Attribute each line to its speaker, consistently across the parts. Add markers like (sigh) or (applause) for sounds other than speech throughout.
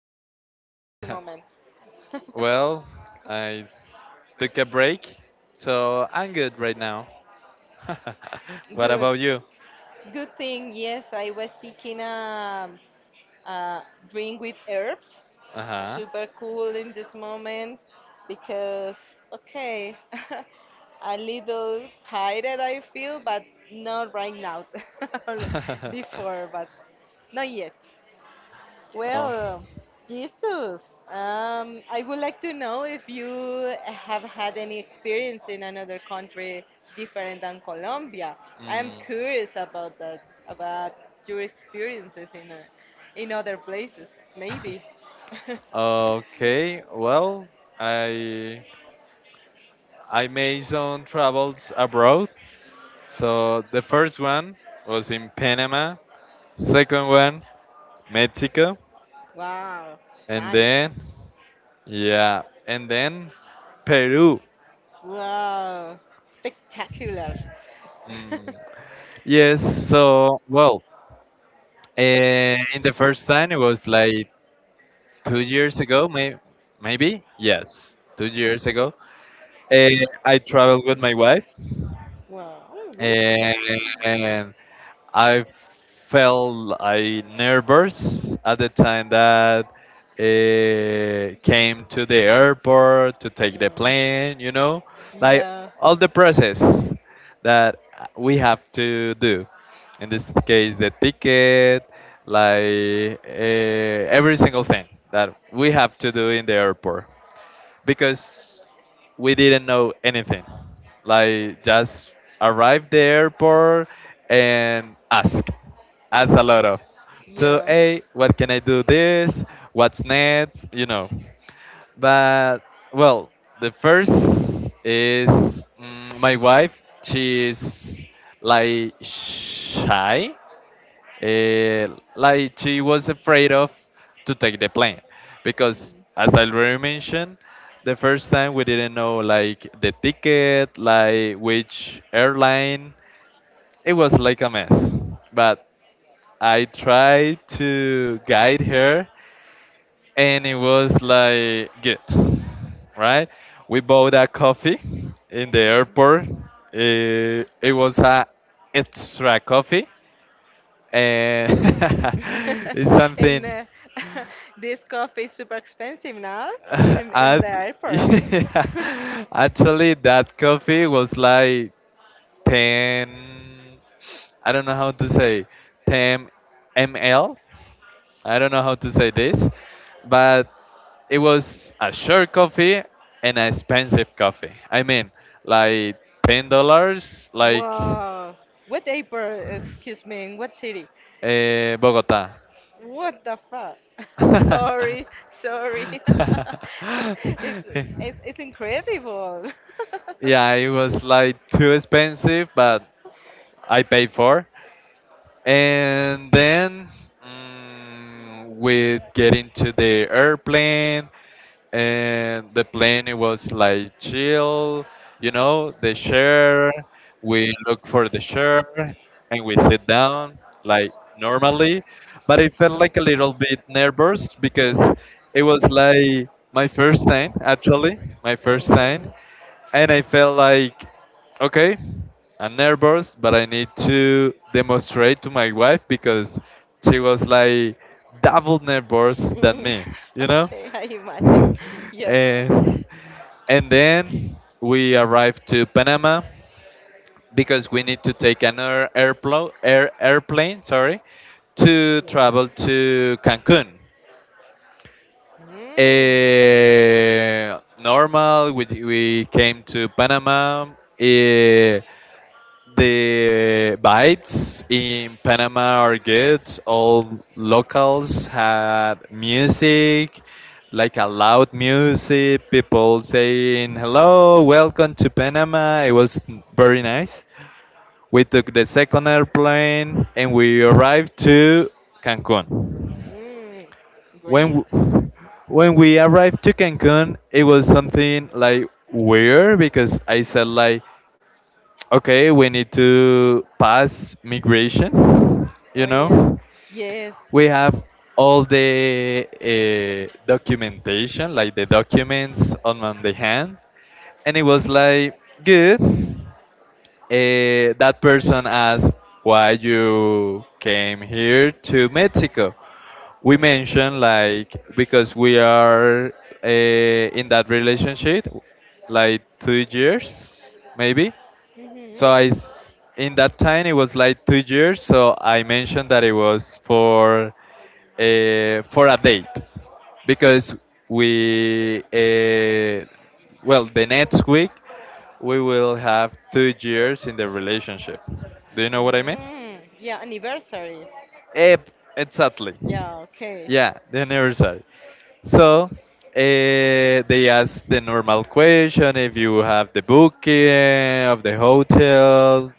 Speaker 1: today in this moment?
Speaker 2: (laughs)
Speaker 1: (laughs)
Speaker 2: Well, I took a break, so I'm good right now. (laughs) What
Speaker 1: Good.
Speaker 2: about you?
Speaker 1: Good thing, yes, I was taking a drink with herbs.
Speaker 2: Uh
Speaker 1: Super cool in this moment because, okay, (laughs) a little tired I feel, but not right now. (laughs)
Speaker 2: huh. (laughs)
Speaker 1: Before, but not yet.
Speaker 2: Oh.
Speaker 1: Well, Jesus, I would like to know if you have had any experience in another country different than Colombia. I am
Speaker 2: Mm.
Speaker 1: curious about that, about your experiences in in other places, maybe. (laughs)
Speaker 2: Okay. Well, I I made some travels abroad. So the first one was in Panama. Second one Mexico,
Speaker 1: Wow,
Speaker 2: and
Speaker 1: nice.
Speaker 2: then yeah, and then Peru.
Speaker 1: Wow, spectacular.
Speaker 2: Mm.
Speaker 1: (laughs)
Speaker 2: Yes, so well, in the first time it was like 2 years ago, maybe yes, 2 years ago. Uh, I traveled with my wife,
Speaker 1: Wow, good.
Speaker 2: eh, and I felt I nervous at the time that came to the airport to take the
Speaker 1: No.
Speaker 2: plane. You know, like
Speaker 1: Yeah.
Speaker 2: all the process that we have to do. In this case, the ticket, like every single thing that we have to do in the airport because we didn't know anything. Like just arrive the airport and ask a lot
Speaker 1: So,
Speaker 2: of, so hey, what can I do this? What's next? You know. But well, the first is my wife. She's like shy. Eh, like she was afraid of to take the plane because, as I already mentioned, the first time we didn't know like the ticket, like which airline. It was like a mess, but I tried to guide her, and it was like good, right? We bought a coffee in the airport. Eh, it was a extra coffee and (laughs)
Speaker 1: (laughs) (laughs)
Speaker 2: it's something.
Speaker 1: uh, (laughs) this coffee is super expensive now
Speaker 2: (laughs)
Speaker 1: in
Speaker 2: I (laughs)
Speaker 1: airport. (laughs)
Speaker 2: yeah,
Speaker 1: (laughs)
Speaker 2: actually that coffee was like 10, I don't know how to say, 10 ml, I don't know how to say this, but it was a short coffee and an expensive coffee I mean, like $10, like
Speaker 1: Wow. What airport? Excuse me, in what city?
Speaker 2: Bogota.
Speaker 1: What the fuck? (laughs) Sorry, sorry. (laughs) It's it's
Speaker 2: (laughs) (laughs)
Speaker 1: incredible. (laughs)
Speaker 2: Yeah, it was like too expensive, but
Speaker 1: Oh.
Speaker 2: I paid for. And then with getting to the airplane, and the plane it was like chill, you know, the chair. We look for the chair and we sit down like normally, but I felt like a little bit nervous because it was like my first time actually, my first time, and I felt like okay, I'm nervous, but I need to demonstrate to my wife because she was like double nervous than
Speaker 1: Mm,
Speaker 2: me,
Speaker 1: (laughs)
Speaker 2: you know?
Speaker 1: Okay, I imagine.
Speaker 2: (laughs)
Speaker 1: Yeah.
Speaker 2: and, and then we arrived to Panama because we need to take another air, airplane sorry, to
Speaker 1: Yeah.
Speaker 2: travel to Cancun. Eh, normal, we came to Panama. Eh, the vibes in Panama are good. All locals had music, like a loud music, people saying, Hello, welcome to Panama. It was very nice. We took the second airplane and we arrived to
Speaker 1: Mm.
Speaker 2: Cancun.
Speaker 1: Mm. Great.
Speaker 2: When w- when we arrived to Cancun, it was something like weird because I said like okay, we need to pass migration.
Speaker 1: Oh
Speaker 2: You
Speaker 1: yeah.
Speaker 2: know,
Speaker 1: Yes.
Speaker 2: we have all the documentation, like the documents on the hand, and it was like good. That person asked why you came here to Mexico. We mentioned like because we are in that relationship, like 2 years maybe,
Speaker 1: Mm-hmm.
Speaker 2: so in that time, it was like 2 years. So I mentioned that it was for a date, because we, well, the next week we will have 2 years in the relationship. Do you know what I mean?
Speaker 1: Mm, yeah, anniversary.
Speaker 2: Eh, exactly.
Speaker 1: Yeah, okay. Yeah.
Speaker 2: Yeah, the anniversary. So eh, they ask the normal question if you have the booking of the hotel.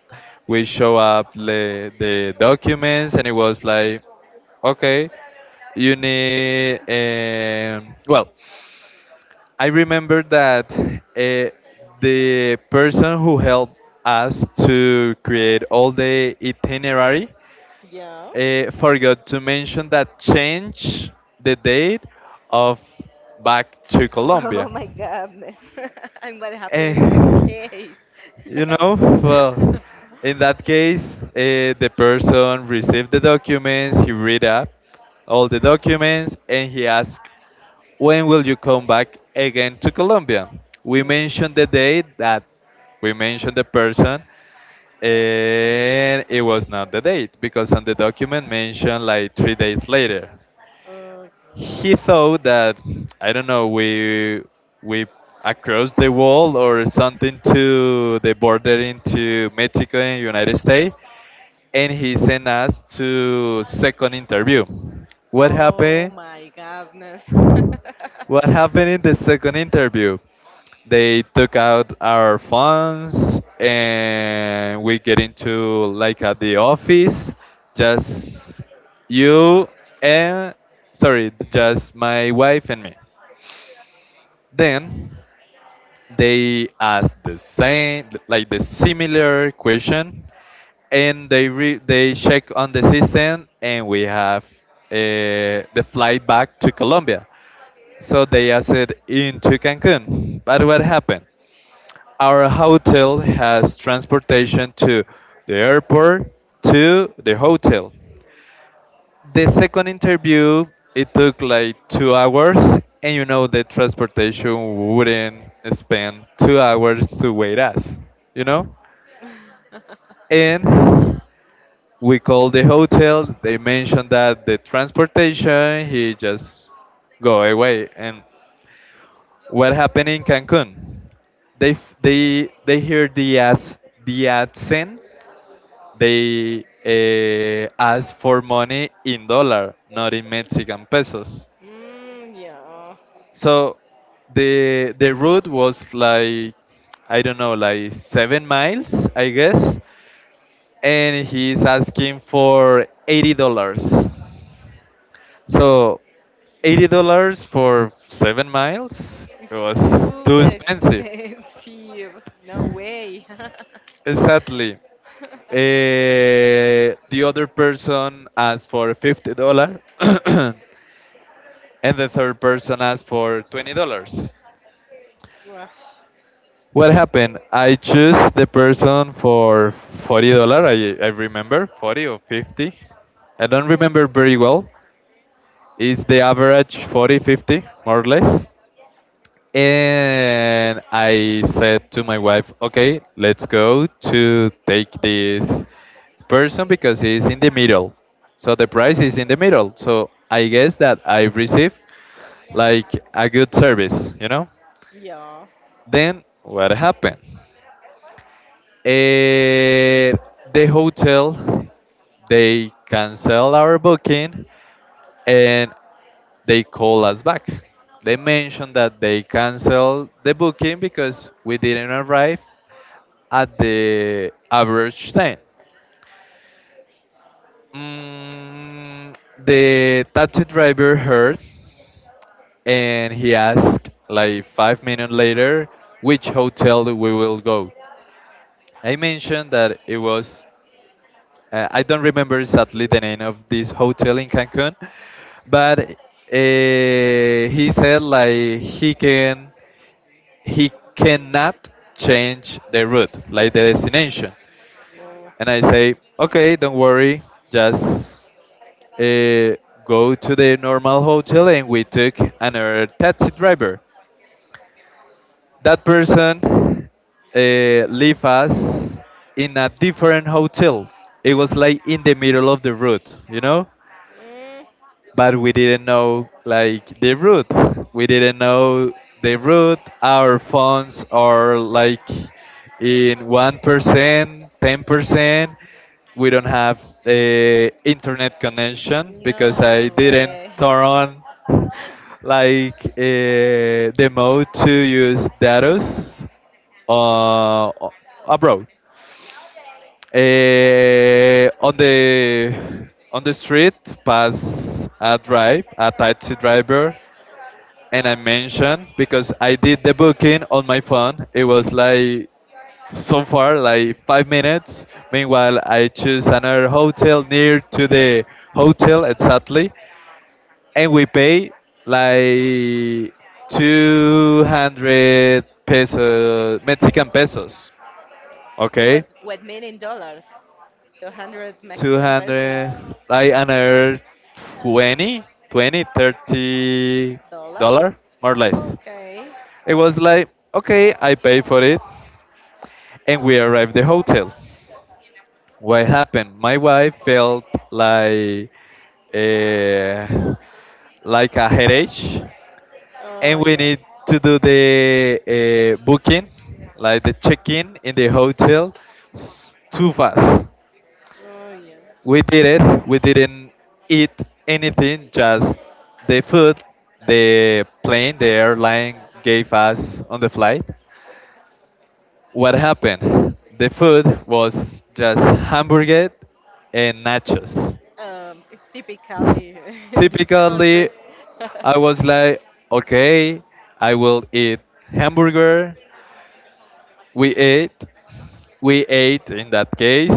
Speaker 2: We show up the documents, and it was like, okay, you need. Well, I remember that the person who helped us to create all the itinerary
Speaker 1: (laughs)
Speaker 2: forgot to mention that change the date of back to
Speaker 1: Oh
Speaker 2: Colombia.
Speaker 1: my God, (laughs) and what happened
Speaker 2: Eh,
Speaker 1: in this case?
Speaker 2: you know, well, in that case, the person received the documents, he read up all the documents, and he asked, when will you come back again to Colombia?
Speaker 1: (laughs)
Speaker 2: We mentioned the
Speaker 1: yeah.
Speaker 2: date that we mentioned the person, and it was not the date because on the document mentioned like 3 days later. He
Speaker 1: Okay.
Speaker 2: thought that I don't know we across the wall or something to the border into Mexico and United States, and he sent us to second interview. What
Speaker 1: Oh
Speaker 2: happened?
Speaker 1: my goodness. (laughs) What?
Speaker 2: What happened in the second interview? They took out our phones and we get into like at the office, just you and sorry, just my wife and me. Then they asked the same, like the similar question, and they check on the system, and we have the flight back to Colombia. So they asked into Cancun. But what happened? Our hotel has transportation to the airport to the hotel. The second interview, it took like 2 hours, and you know the transportation wouldn't spend 2 hours to wait us, you know? And we called the hotel, they mentioned that the transportation, he just go away. And what happened in Cancun? They hear the as the accent, they asked for money in dollar, not in Mexican pesos.
Speaker 1: Mm, yeah.
Speaker 2: So the route was like I don't know, like 7 miles, I guess, and he's asking for $80. So $80 for 7 miles
Speaker 1: It's
Speaker 2: it was too
Speaker 1: super
Speaker 2: expensive.
Speaker 1: expensive. No way. (laughs)
Speaker 2: Exactly. Eh, the other person asked for $50. (coughs) And the third person asked for $20.
Speaker 1: Gosh.
Speaker 2: What happened? I choose the person for $40. I remember 40 or 50. I don't
Speaker 1: Mm,
Speaker 2: remember very well. Is the average 40 50 more or less? And I said to my wife, okay, let's go to take this person because he's in the middle. So the price is in the middle. So I guess that I receive like a good service, you know?
Speaker 1: yeah.
Speaker 2: Then what happened? Uh, the hotel they cancel our booking and they call us back. They mentioned that they cancel the booking because we didn't arrive at the average time. Mm, the taxi driver heard and he asked like 5 minutes later which hotel we will go. I mentioned that it was, I don't remember exactly the name of this hotel in Cancun, but he said like he cannot change the route, like the destination.
Speaker 1: Well,
Speaker 2: And I say, okay, don't worry, just uh, go to the normal hotel and we took another taxi driver. That person uh, left us in a different hotel. It was like in the middle of the route, you know?
Speaker 1: mm,
Speaker 2: But we didn't know like the route. We didn't know the route. Our phones are like in 1%, 10%. We don't have the internet connection because I
Speaker 1: no
Speaker 2: didn't
Speaker 1: way.
Speaker 2: turn on (laughs) like the mode to use data's uh, abroad. On the street, pass a drive, a taxi driver, and I mentioned because I did the booking on my phone. It was like so far like 5 minutes. Meanwhile, I choose another hotel near to the hotel exactly, and we pay like 200 pesos Mexican pesos.
Speaker 1: Wait, what,
Speaker 2: Okay,
Speaker 1: what million dollars? 200 Mexican pesos.
Speaker 2: 200 I unearned 20, 20, thirty
Speaker 1: Dollars?
Speaker 2: dollar more or less,
Speaker 1: Okay.
Speaker 2: it was like okay I pay for it, and we arrived the hotel. What happened, my wife felt like eh, like a headache, and
Speaker 1: Oh,
Speaker 2: we
Speaker 1: yeah.
Speaker 2: need to do the booking like the check-in in the hotel too fast.
Speaker 1: Oh, yeah.
Speaker 2: We did it. We didn't eat anything, just the food the plane, the airline gave us on the flight. What happened? The food was just hamburger and nachos.
Speaker 1: It's typically (laughs) in these
Speaker 2: Typically,
Speaker 1: countries. (laughs)
Speaker 2: I was like, okay, I will eat hamburger. We ate, we ate in that case.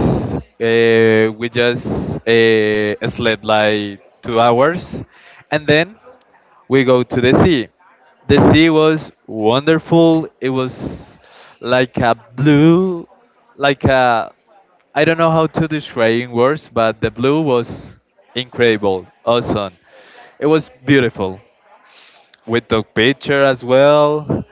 Speaker 2: We just slept like 2 hours, and then we go to the sea. The sea was wonderful. It was like a blue, like a I don't know how to describe in words, but the blue was incredible, awesome. It was beautiful. We took picture as well.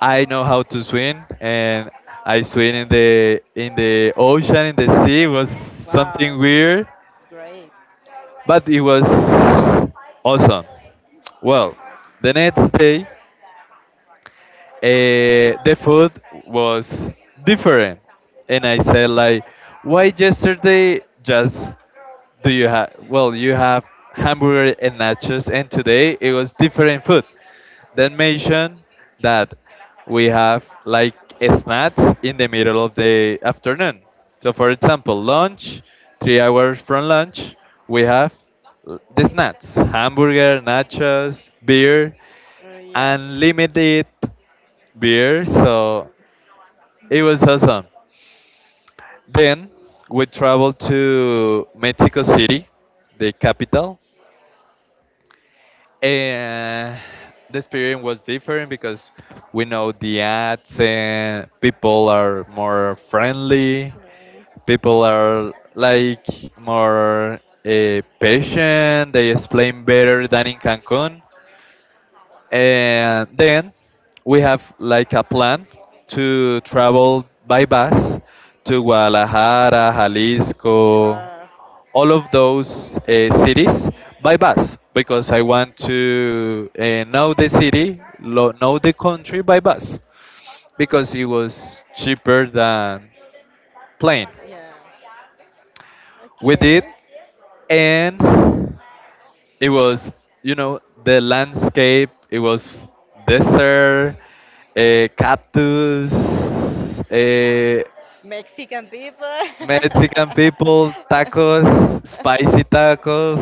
Speaker 2: I know how to swim, and I swim in the ocean, in the sea. It was something
Speaker 1: Wow.
Speaker 2: weird,
Speaker 1: Great.
Speaker 2: but it was awesome. Well, the next day the food was different and I said like why yesterday just do you have well you have hamburger and nachos and today it was different food, then mention that we have like snacks in the middle of the afternoon, so for example lunch 3 hours from lunch we have the snacks hamburger nachos beer
Speaker 1: Yeah.
Speaker 2: unlimited beer, so it was awesome. Then we traveled to Mexico City, the capital, and the experience was
Speaker 1: Mm.
Speaker 2: different because we know the ads and people are more friendly, people are like more patient, they explain better than in Cancun. And then we have like a plan to travel by bus to Guadalajara, Jalisco,
Speaker 1: Wow.
Speaker 2: all of those cities by bus because I want to know the city, know the country by bus because it was cheaper than plane.
Speaker 1: Yeah.
Speaker 2: We did,
Speaker 1: Okay.
Speaker 2: and it was you know the landscape it was desert cactus uh,
Speaker 1: Mexican people.
Speaker 2: mexican people tacos spicy tacos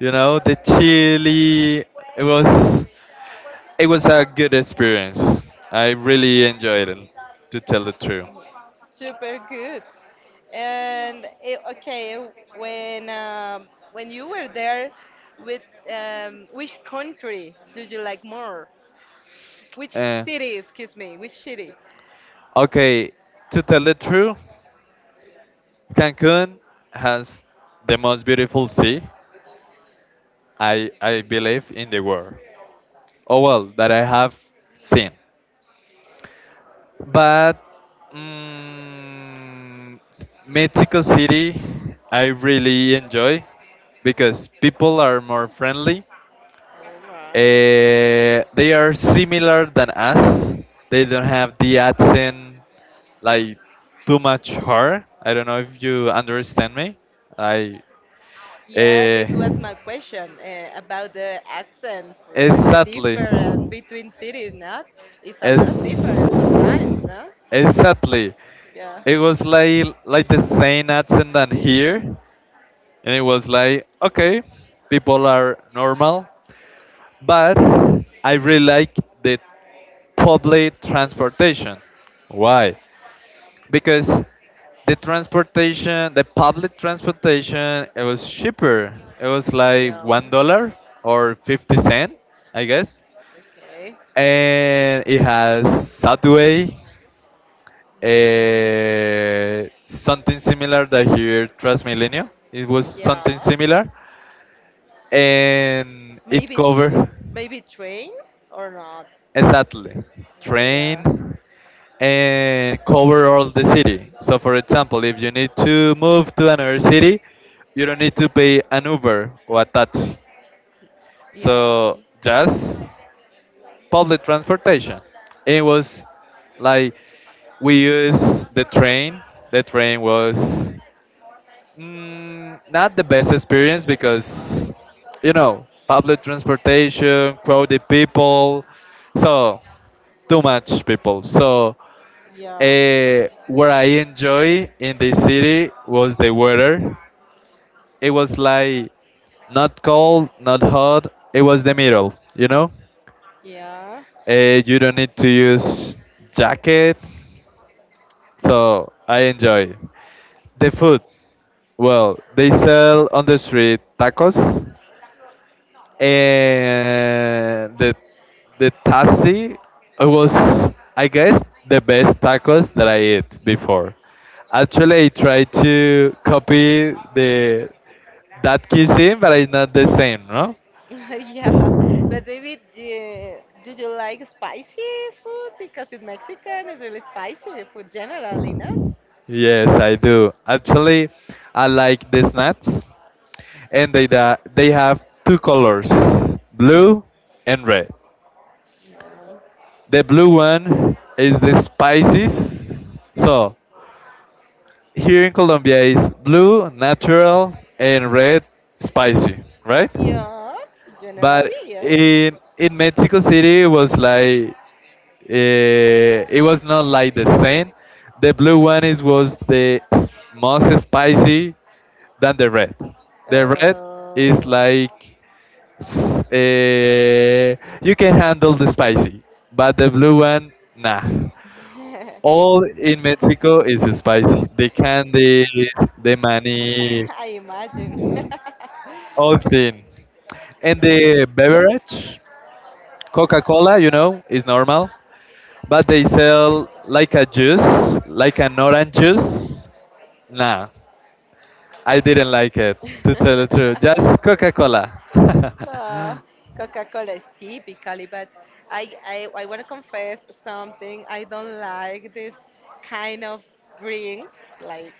Speaker 2: you know the chili it was it was a good experience I really enjoyed it to tell the truth.
Speaker 1: Super good. And okay, when you were there, with which country did you like more? Which
Speaker 2: Uh,
Speaker 1: city, excuse me, which city?
Speaker 2: okay, to tell the truth, Cancun has the most beautiful sea I believe in the world. Oh well, that I have seen, but mm, Mexico City I really enjoy because people are more friendly.
Speaker 1: All right.
Speaker 2: They are similar than us. They don't have the accent like too much hard. I don't know if you understand me. I
Speaker 1: Yeah,
Speaker 2: uh,
Speaker 1: this was my question about the accents. What is the
Speaker 2: exactly.
Speaker 1: difference between cities, not? It's a lot of
Speaker 2: As
Speaker 1: difference sometimes, no?
Speaker 2: Exactly,
Speaker 1: Yeah.
Speaker 2: it was like the same accent than here, and it was like okay, people are normal, but I really like the public transportation. Why? Because the public transportation, it was cheaper. It was like
Speaker 1: Yeah.
Speaker 2: $1 or 50 cents, I guess.
Speaker 1: Okay.
Speaker 2: And it has subway.
Speaker 1: Mm,
Speaker 2: Something similar that here Transmilenio. It was something
Speaker 1: yeah.
Speaker 2: similar, and it
Speaker 1: Maybe
Speaker 2: covered
Speaker 1: maybe train or not?
Speaker 2: exactly
Speaker 1: Oh, yeah.
Speaker 2: train and cover all the city. So, for example, if you need to move to another city, you don't need to pay an Uber or a taxi.
Speaker 1: Yeah.
Speaker 2: So, just public transportation. It was like we used the train. The train was not the best experience because, public transportation, crowded people, so too much people. So,
Speaker 1: Yeah.
Speaker 2: what I enjoy in the city was the weather. It was like not cold, not hot. It was the middle, you know.
Speaker 1: Yeah,
Speaker 2: You don't need to use jacket, so I enjoy. The food, well, they sell on the street tacos and the tasty was I guess the best tacos that I ate before. Actually, I tried to copy the that cuisine, but it's not the same, no?
Speaker 1: (laughs) yeah, but maybe do you like spicy food? Because in Mexican, it's really spicy food generally, not?
Speaker 2: Yes, I do. Actually, I like the snacks, and they have two colors, blue and red.
Speaker 1: No.
Speaker 2: The blue one is The spices, so here in Colombia is blue, natural, and red, spicy, right?
Speaker 1: Yeah, but generally,
Speaker 2: But
Speaker 1: yeah.
Speaker 2: in Mexico City, it was like it was not like the same. The blue one is Was the s- most spicy than the red. The red
Speaker 1: in
Speaker 2: is
Speaker 1: Oh.
Speaker 2: like s- eh, you can handle the spicy, but the blue one, nah,
Speaker 1: (laughs) Like
Speaker 2: all in Mexico is spicy. The candy, the money,
Speaker 1: I imagine. (laughs)
Speaker 2: all thing. And the beverage, Coca-Cola, you know, is normal, but they sell like a juice, like an orange juice. Nah, I didn't like it. To tell the
Speaker 1: (laughs)
Speaker 2: truth, just Coca-Cola. (laughs)
Speaker 1: No, Coca-Cola is typically, but I want to confess something. I don't like this kind of drinks, like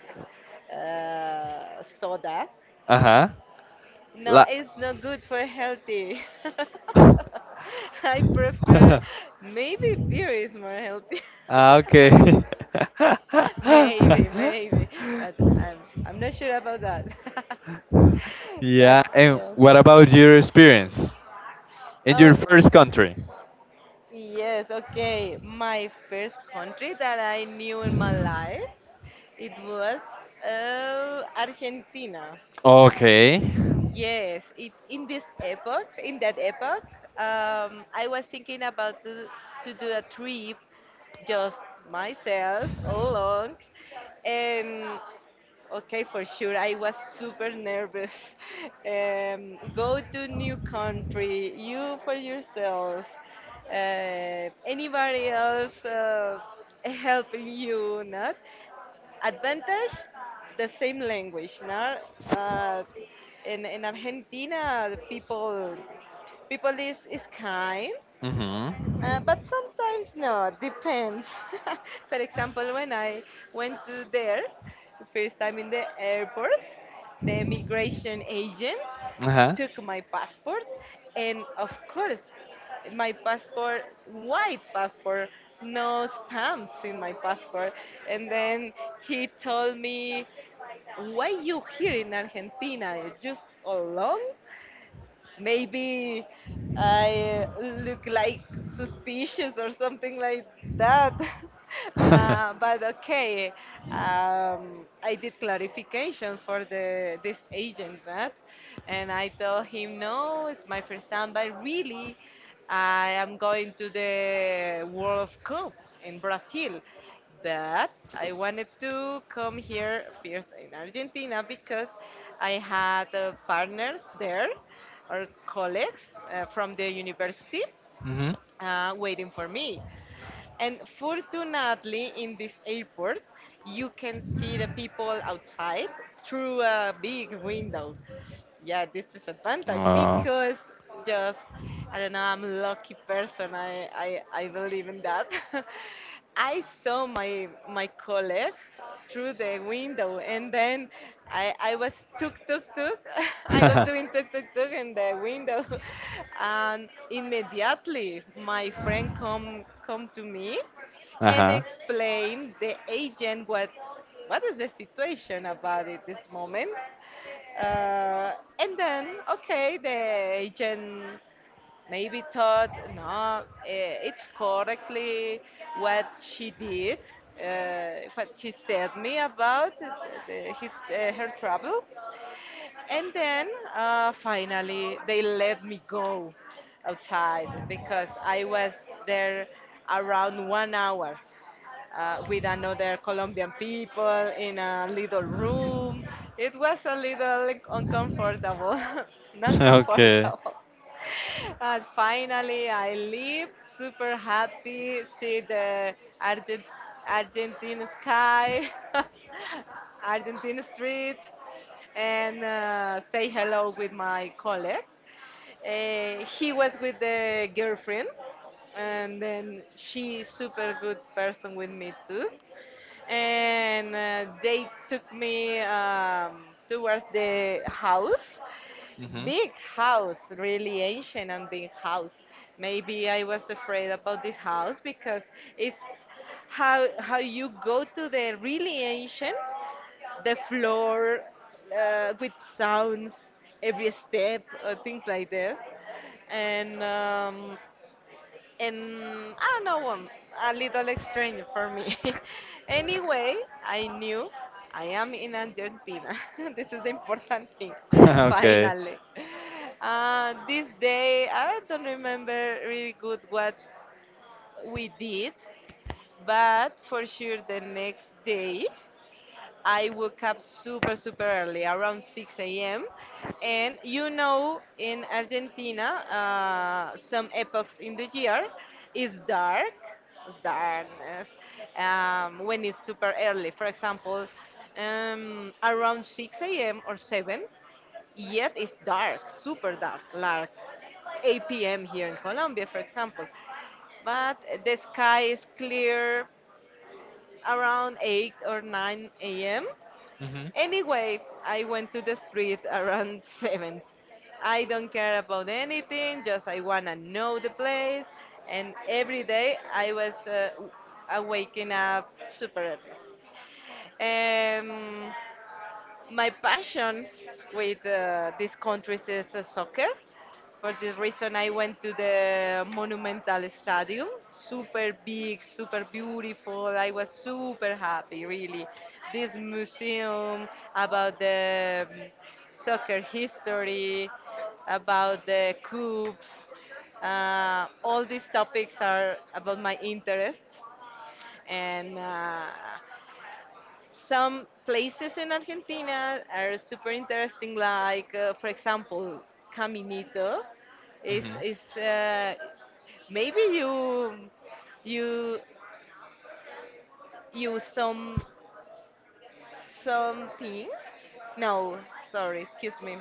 Speaker 1: sodas.
Speaker 2: Uh huh.
Speaker 1: No,
Speaker 2: La.
Speaker 1: it's not good for healthy. (laughs) I prefer
Speaker 2: (laughs)
Speaker 1: maybe beer is more healthy.
Speaker 2: Ah, okay.
Speaker 1: (laughs) (laughs) Maybe, but I'm
Speaker 2: (laughs)
Speaker 1: I'm not sure about that. (laughs) But
Speaker 2: Yeah, and
Speaker 1: yes.
Speaker 2: what about your experience in
Speaker 1: Oh,
Speaker 2: your first country?
Speaker 1: yes, okay. My first country that I knew in my life, it was Argentina.
Speaker 2: Okay.
Speaker 1: Yes, in this epoch, in that epoch, I was thinking about to do a trip just myself all along, and okay, for sure. I was super nervous. (laughs) Go to new country, you for yourself. Anybody else (laughs) helping you, not? Advantage, the same language, not? Uh, in Argentina, the people is kind. Uh,
Speaker 2: Mm-hmm.
Speaker 1: but sometimes no, depends. (laughs) For example, when I went to there, first time in the airport, the immigration agent
Speaker 2: Uh-huh.
Speaker 1: took my passport, and of course, my passport, white passport, no stamps in my passport. And then he told me, "Why you here in Argentina? You just alone?" Maybe I look like suspicious or something like that. (laughs) Uh,
Speaker 2: (laughs)
Speaker 1: but okay, I did clarification for the this agent, right? And I told him, no, it's my first time, but really, I am going to the World Cup in Brazil but I wanted to come here first in Argentina because I had partners there or colleagues from the university
Speaker 2: Mm-hmm.
Speaker 1: waiting for me. And fortunately, in this airport, you can see the people outside through a big window, yeah, this is advantage
Speaker 2: Uh,
Speaker 1: because just I don't know, I'm a lucky person. I believe in that. (laughs) I saw my colleague through the window, and then I was tuk tuk tuk (laughs) I was
Speaker 2: (laughs)
Speaker 1: doing tuk tuk tuk in the window (laughs) and immediately my friend come to me and explain the agent what is the situation about it this moment.
Speaker 2: uh-huh.
Speaker 1: Uh, and then, okay, the agent maybe thought, no, it's correctly what she did,
Speaker 2: (laughs)
Speaker 1: what she said me about her trouble. And then finally, they let me go outside because I was there around 1 hour with another Colombian people in a little room. It was a little uncomfortable, (laughs) not
Speaker 2: Okay.
Speaker 1: comfortable. And finally, I leave super happy, see the Argent- Argentine sky, (laughs) Argentine streets, and say hello with my colleagues. He was with the girlfriend, and then she super good person with me too. And they took me towards the house,
Speaker 2: Hmm.
Speaker 1: big house, really ancient and big house. Maybe I was afraid about this house because it's how you go to the really ancient the floor with sounds every step or things like this, and um, and I don't know, a little strange for me. (laughs) Anyway, I knew I am in Argentina. (laughs) This is the important thing. (laughs)
Speaker 2: (laughs) Okay.
Speaker 1: Finally, this day I don't remember really good what we did, but for sure the next day I woke up super, super early, around 6 a.m. And in Argentina, some epochs in the year is dark, it's darkness, when it's super early. For example, around 6 a.m. or 7, yet it's dark, super dark, like 8 p.m. here in Colombia, for example. But the sky is clear around 8 or 9 a.m.
Speaker 2: Hmm.
Speaker 1: Anyway, I went to the street around (laughs) 7th. I don't care about anything, just I wanna know the place. And every day I was waking up super early. Um, my passion with these countries is soccer. For this reason, I went to the Monumental Stadium. Super big, super beautiful. I was super happy, really. This museum about the soccer history, about the coups, all these topics are about my interest, and some places in Argentina are super interesting, like for example, Caminito. Is
Speaker 2: Hmm.
Speaker 1: is maybe you use something? No, sorry, excuse me.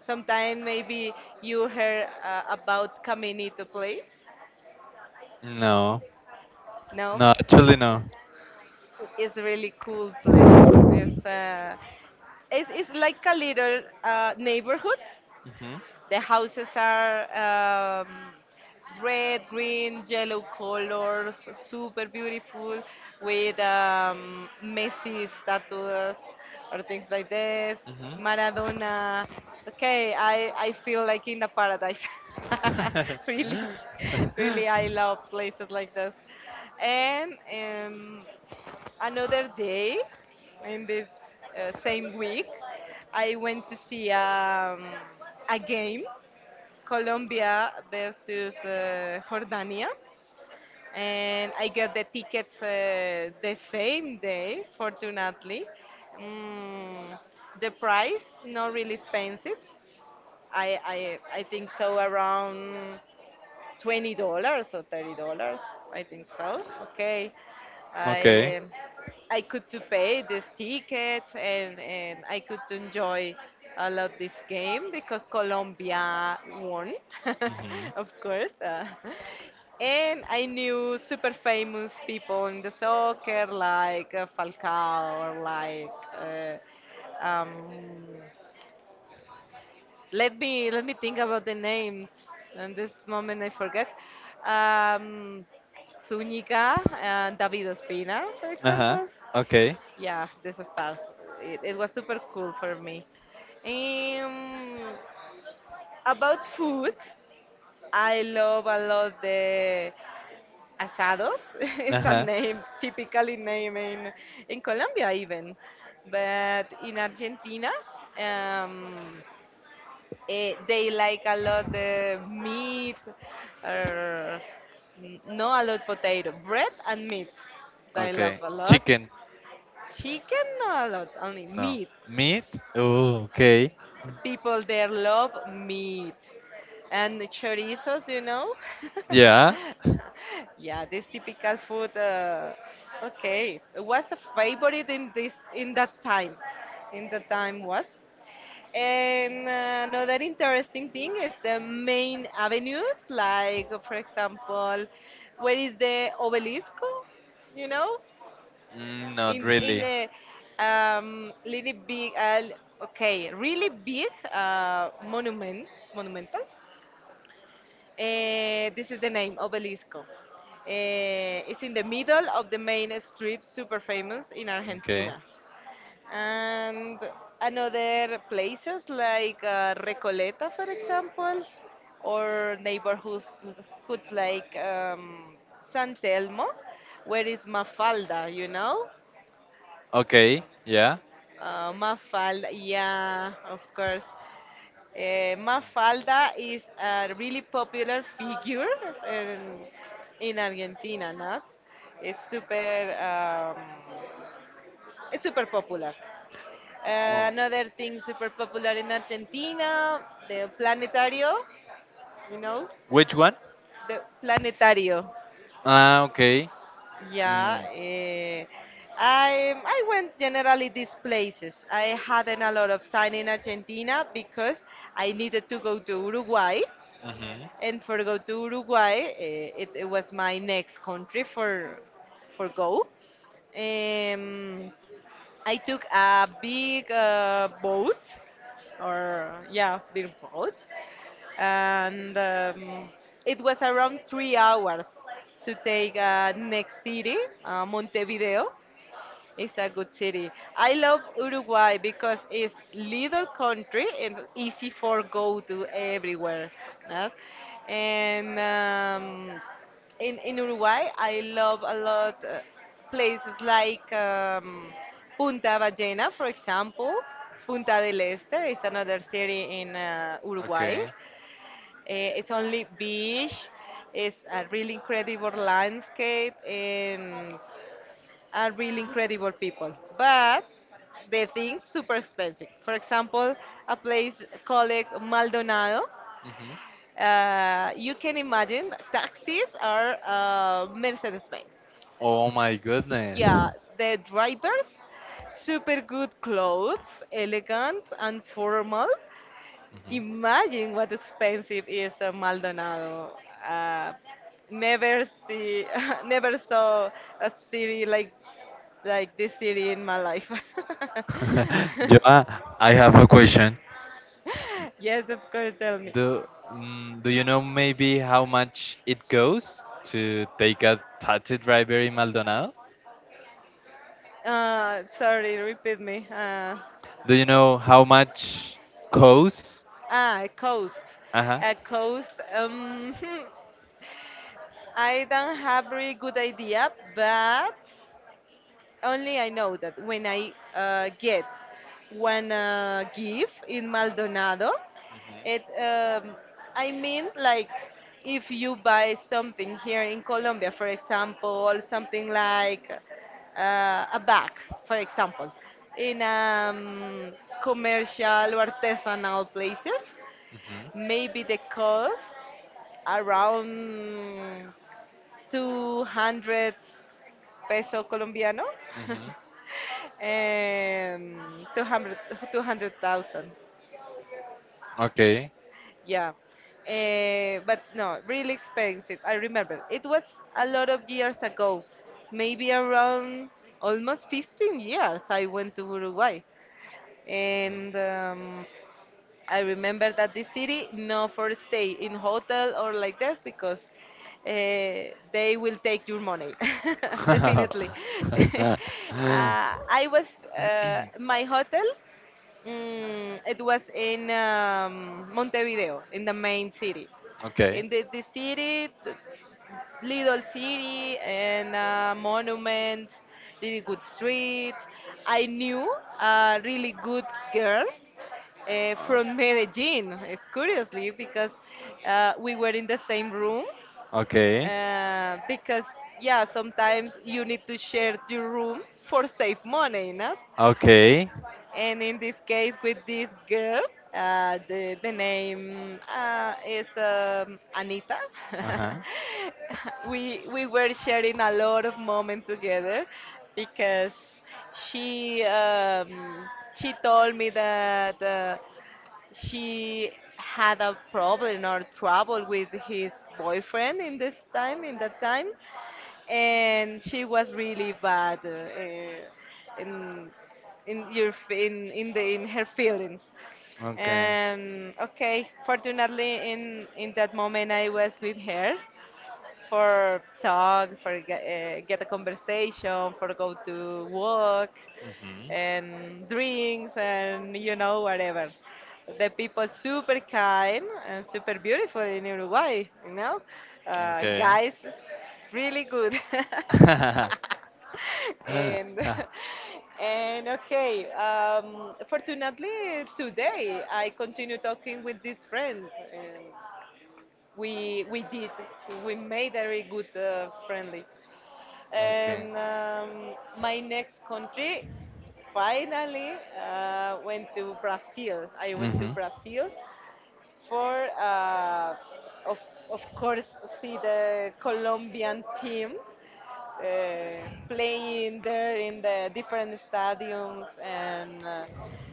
Speaker 1: Sometime maybe you heard about Caminito place.
Speaker 2: No.
Speaker 1: No,
Speaker 2: No, actually, no.
Speaker 1: it's really cool place. It's like a little neighborhood.
Speaker 2: Hmm. The
Speaker 1: The houses are um, red, green, yellow colors, super beautiful, with Messi statues or things like this.
Speaker 2: hmm.
Speaker 1: Maradona. Okay, I feel like in a paradise. (laughs) Really, really,
Speaker 2: (laughs)
Speaker 1: I love places like this. And another day in this same week, I went to see a game Colombia versus Jordania, and I got the tickets the same day, fortunately. Mm, the price not really expensive. I think so around $20 or $30. I think so. Okay,
Speaker 2: Okay.
Speaker 1: I um, I could to pay this ticket and I could to enjoy a lot this game because Colombia won,
Speaker 2: Mhm.
Speaker 1: (laughs) of course. And I knew super famous people in the soccer like Falcao or like. Uh, um, let me think about the names. In this moment I forget. Um, Zúñiga and David Ospina, for
Speaker 2: Uh huh.
Speaker 1: example.
Speaker 2: Okay.
Speaker 1: Yeah, these stars. It was super cool for me. Um, about food, I love a lot the asados. (laughs)
Speaker 2: Uh
Speaker 1: It's a
Speaker 2: huh.
Speaker 1: name, typically name in Colombia even, but in Argentina. Um, they like a lot the meat, or no a lot potato, bread and meat. They love
Speaker 2: Okay.
Speaker 1: a lot.
Speaker 2: Chicken.
Speaker 1: Chicken. Chicken, not a lot, only
Speaker 2: No.
Speaker 1: meat.
Speaker 2: Meat. Oh, okay.
Speaker 1: People there love meat. And chorizos, you know? (laughs)
Speaker 2: Yeah.
Speaker 1: Yeah. Yeah, this typical food. Okay, what's a favorite in that time? In the time was? And another interesting thing is the main avenues, like for example, where is the obelisk? You know,
Speaker 2: Mm, not
Speaker 1: in
Speaker 2: really.
Speaker 1: a really big, okay, really big monument, monumental. This is the name, obelisco. It's in the middle of the main strip, super famous in
Speaker 2: Okay.
Speaker 1: Argentina, and another places like Recoleta, for example, or neighborhoods hoods like San Telmo, where is Mafalda, you know?
Speaker 2: Okay. Yeah.
Speaker 1: Mafalda, yeah, of course. Mafalda is a really popular (laughs) figure in, in Argentina, not? It's super, um, it's super popular.
Speaker 2: Oh,
Speaker 1: Another thing super popular in Argentina, the planetario, you know,
Speaker 2: which one?
Speaker 1: the planetario.
Speaker 2: Ah, okay.
Speaker 1: Yeah,
Speaker 2: Mm.
Speaker 1: I went generally these places. I hadn't a lot of time in Argentina because I needed to go to Uruguay,
Speaker 2: Hmm.
Speaker 1: and for go to Uruguay, it was my next country for go. Um, I took a big boat, or yeah, big boat, and it was around 3 hours to take next city, Montevideo, it's a good city. I love Uruguay because it's little country and easy for go to everywhere. No? And in Uruguay, I love a lot places like Punta Ballena, for example. Punta del Este is another city in Uruguay.
Speaker 2: Okay.
Speaker 1: It's only beach. It's a really incredible landscape and are really incredible people, but the things super expensive. For example, a place called Maldonado.
Speaker 2: Hmm.
Speaker 1: You can imagine taxis are Mercedes Benz.
Speaker 2: Oh my goodness.
Speaker 1: Yeah, the drivers, super good clothes, elegant and formal.
Speaker 2: Hmm.
Speaker 1: Imagine what expensive is a Maldonado. Uh, never see, (laughs) never saw a city like this city in my life.
Speaker 2: (laughs) Joa,
Speaker 1: (laughs)
Speaker 2: I have a question.
Speaker 1: Yes, of course, tell me.
Speaker 2: Do Do you know maybe how much it goes to take a taxi driver in Maldonado?
Speaker 1: Sorry, repeat me.
Speaker 2: Do you know how much costs?
Speaker 1: Ah, coast.
Speaker 2: Uh huh.
Speaker 1: A coast. (laughs) I don't have very good idea, but only I know that when I get one gift in Maldonado,
Speaker 2: Mhm.
Speaker 1: it I mean, like, if you buy something here in Colombia, for example, something like a bag, for example, in commercial or artisanal places, maybe the cost around 200 peso colombiano.
Speaker 2: Mhm.
Speaker 1: (laughs)
Speaker 2: Mhm.
Speaker 1: 200, 200,000.
Speaker 2: Okay.
Speaker 1: Yeah. But no, really expensive. I remember. It was a lot of years ago, maybe around almost 15 years I went to Uruguay. And I remember that the city, no for stay in hotel or like this because they will take your money, (laughs) definitely.
Speaker 2: (laughs)
Speaker 1: (laughs) uh, I was, my hotel Mm, it was in Montevideo, in the main city.
Speaker 2: Okay.
Speaker 1: In the city, the little city, and monuments, really good streets. I knew a really good girl from Medellin, it's curiously, because we were in the same room.
Speaker 2: Okay.
Speaker 1: Because, yeah, sometimes you need to share your room for save money, no?
Speaker 2: Okay.
Speaker 1: And in this case, with this girl, the name is Anita.
Speaker 2: Uh
Speaker 1: (laughs)
Speaker 2: huh.
Speaker 1: We were sharing a lot of moments together because she, um, she told me that. She had a problem or trouble with his boyfriend in that time, and she was really bad in in her feelings,
Speaker 2: Okay.
Speaker 1: and okay, fortunately in that moment I was with her for talk, for get a conversation, for go to walk,
Speaker 2: Mhm.
Speaker 1: and drinks, and whatever. The people super kind and super beautiful in Uruguay. You know,
Speaker 2: Okay.
Speaker 1: guys, really good.
Speaker 2: (laughs)
Speaker 1: (laughs) and (laughs) and okay, fortunately today I continue talking with this friend. And we we did we made a very good friendly,
Speaker 2: Okay.
Speaker 1: and my next country, finally, went to brazil I went to
Speaker 2: Mhm.
Speaker 1: Brazil for of, of course see the colombian team playing there in the different stadiums, and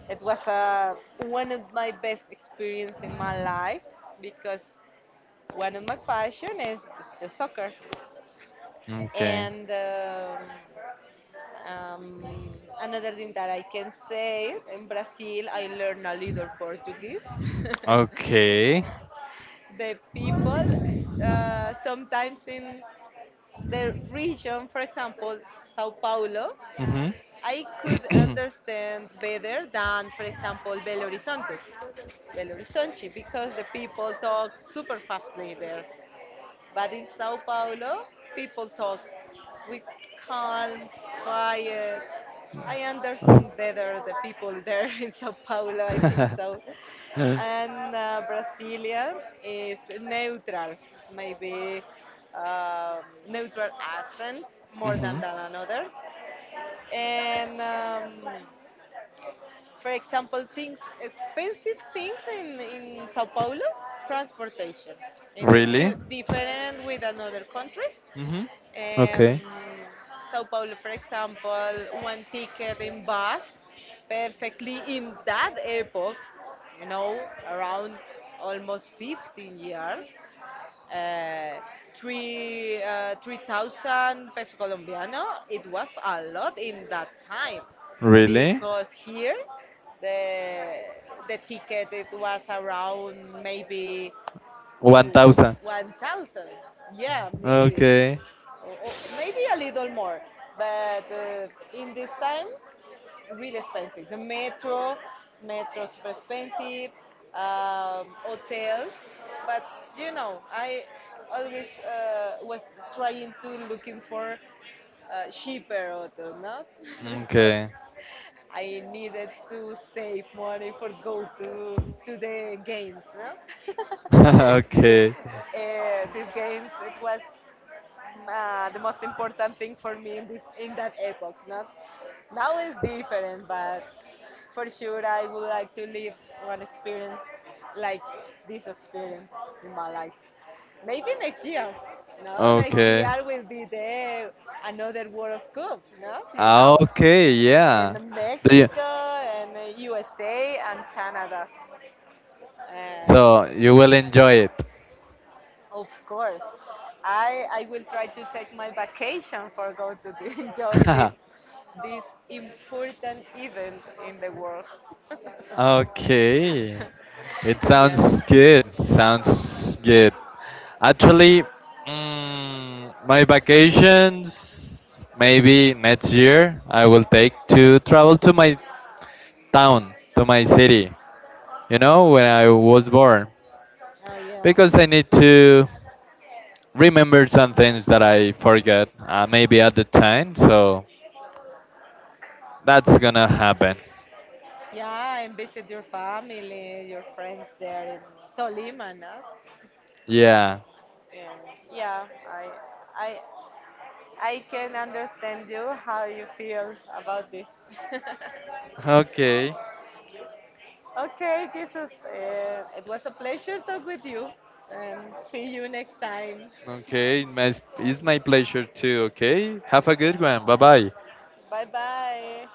Speaker 1: it was one of my best experience in my life because one of my passion is the soccer.
Speaker 2: Okay.
Speaker 1: And um, another thing that I can say, in Brazil I learned a little Portuguese. (laughs) The people
Speaker 2: Okay.
Speaker 1: sometimes in the region, for example Sao Paulo,
Speaker 2: Mhm.
Speaker 1: I could understand better than, for example, Belo Horizonte. Belo Horizonte, because the people talk super fastly there. But in Sao Paulo, people talk with calm, quiet. I understand better the people there, (laughs) in Sao Paulo, I think so. And Brasilia is neutral, it's maybe um, neutral accent, more than,
Speaker 2: Mhm.
Speaker 1: than others. And for example things expensive, things in Sao Paulo, transportation,
Speaker 2: (coughs)
Speaker 1: in the
Speaker 2: Really?
Speaker 1: different with another countries.
Speaker 2: Mhm. Okay.
Speaker 1: um, Sao Paulo, for example, one ticket in bus, perfectly, in that epoch, you know, around almost 15 years, uh, 3,000 peso colombiano. It was a lot in that time
Speaker 2: Really?
Speaker 1: because here the the ticket it was around maybe,
Speaker 2: One
Speaker 1: mm,
Speaker 2: thousand.
Speaker 1: 1,000. Yeah, maybe,
Speaker 2: Okay.
Speaker 1: or maybe a little more. But in this time really expensive. The metro, super expensive, hotels. But you know, I always was trying to looking for cheaper hotel, not, (laughs) because
Speaker 2: Okay.
Speaker 1: I needed to save money for go to the games, no? (laughs)
Speaker 2: (laughs) Okay.
Speaker 1: These games it was the most important thing for me in that epoch. Not now, is different, but for sure I would like to live one experience like this experience in my life. Maybe next year. No, next
Speaker 2: Okay.
Speaker 1: year will be the another World Cup. No, you
Speaker 2: Ah,
Speaker 1: know,
Speaker 2: okay. Yeah.
Speaker 1: in
Speaker 2: Do you,
Speaker 1: Mexico and USA and Canada, and
Speaker 2: so you will enjoy it.
Speaker 1: of course. I will try to take my vacation for go to (laughs) enjoy this,
Speaker 2: (laughs)
Speaker 1: this important event in the world.
Speaker 2: Okay. It
Speaker 1: (laughs) Yeah.
Speaker 2: sounds good. Sounds good. Actually, my vacations maybe next year I will take to travel to my town, to my city, you know, when I was born,
Speaker 1: Oh yeah.
Speaker 2: because I need to remember some things that I forget maybe at the time, so that's gonna happen.
Speaker 1: Yeah, and visit your family, your friends there in Tolima, no?
Speaker 2: Yeah.
Speaker 1: And yeah, I I can understand you how you feel about this. (laughs)
Speaker 2: Okay.
Speaker 1: Okay, Jesus, it was a pleasure talk with you, and see you next time.
Speaker 2: Okay. It's my pleasure too. Okay. Have a good one. Bye bye.
Speaker 1: Bye bye.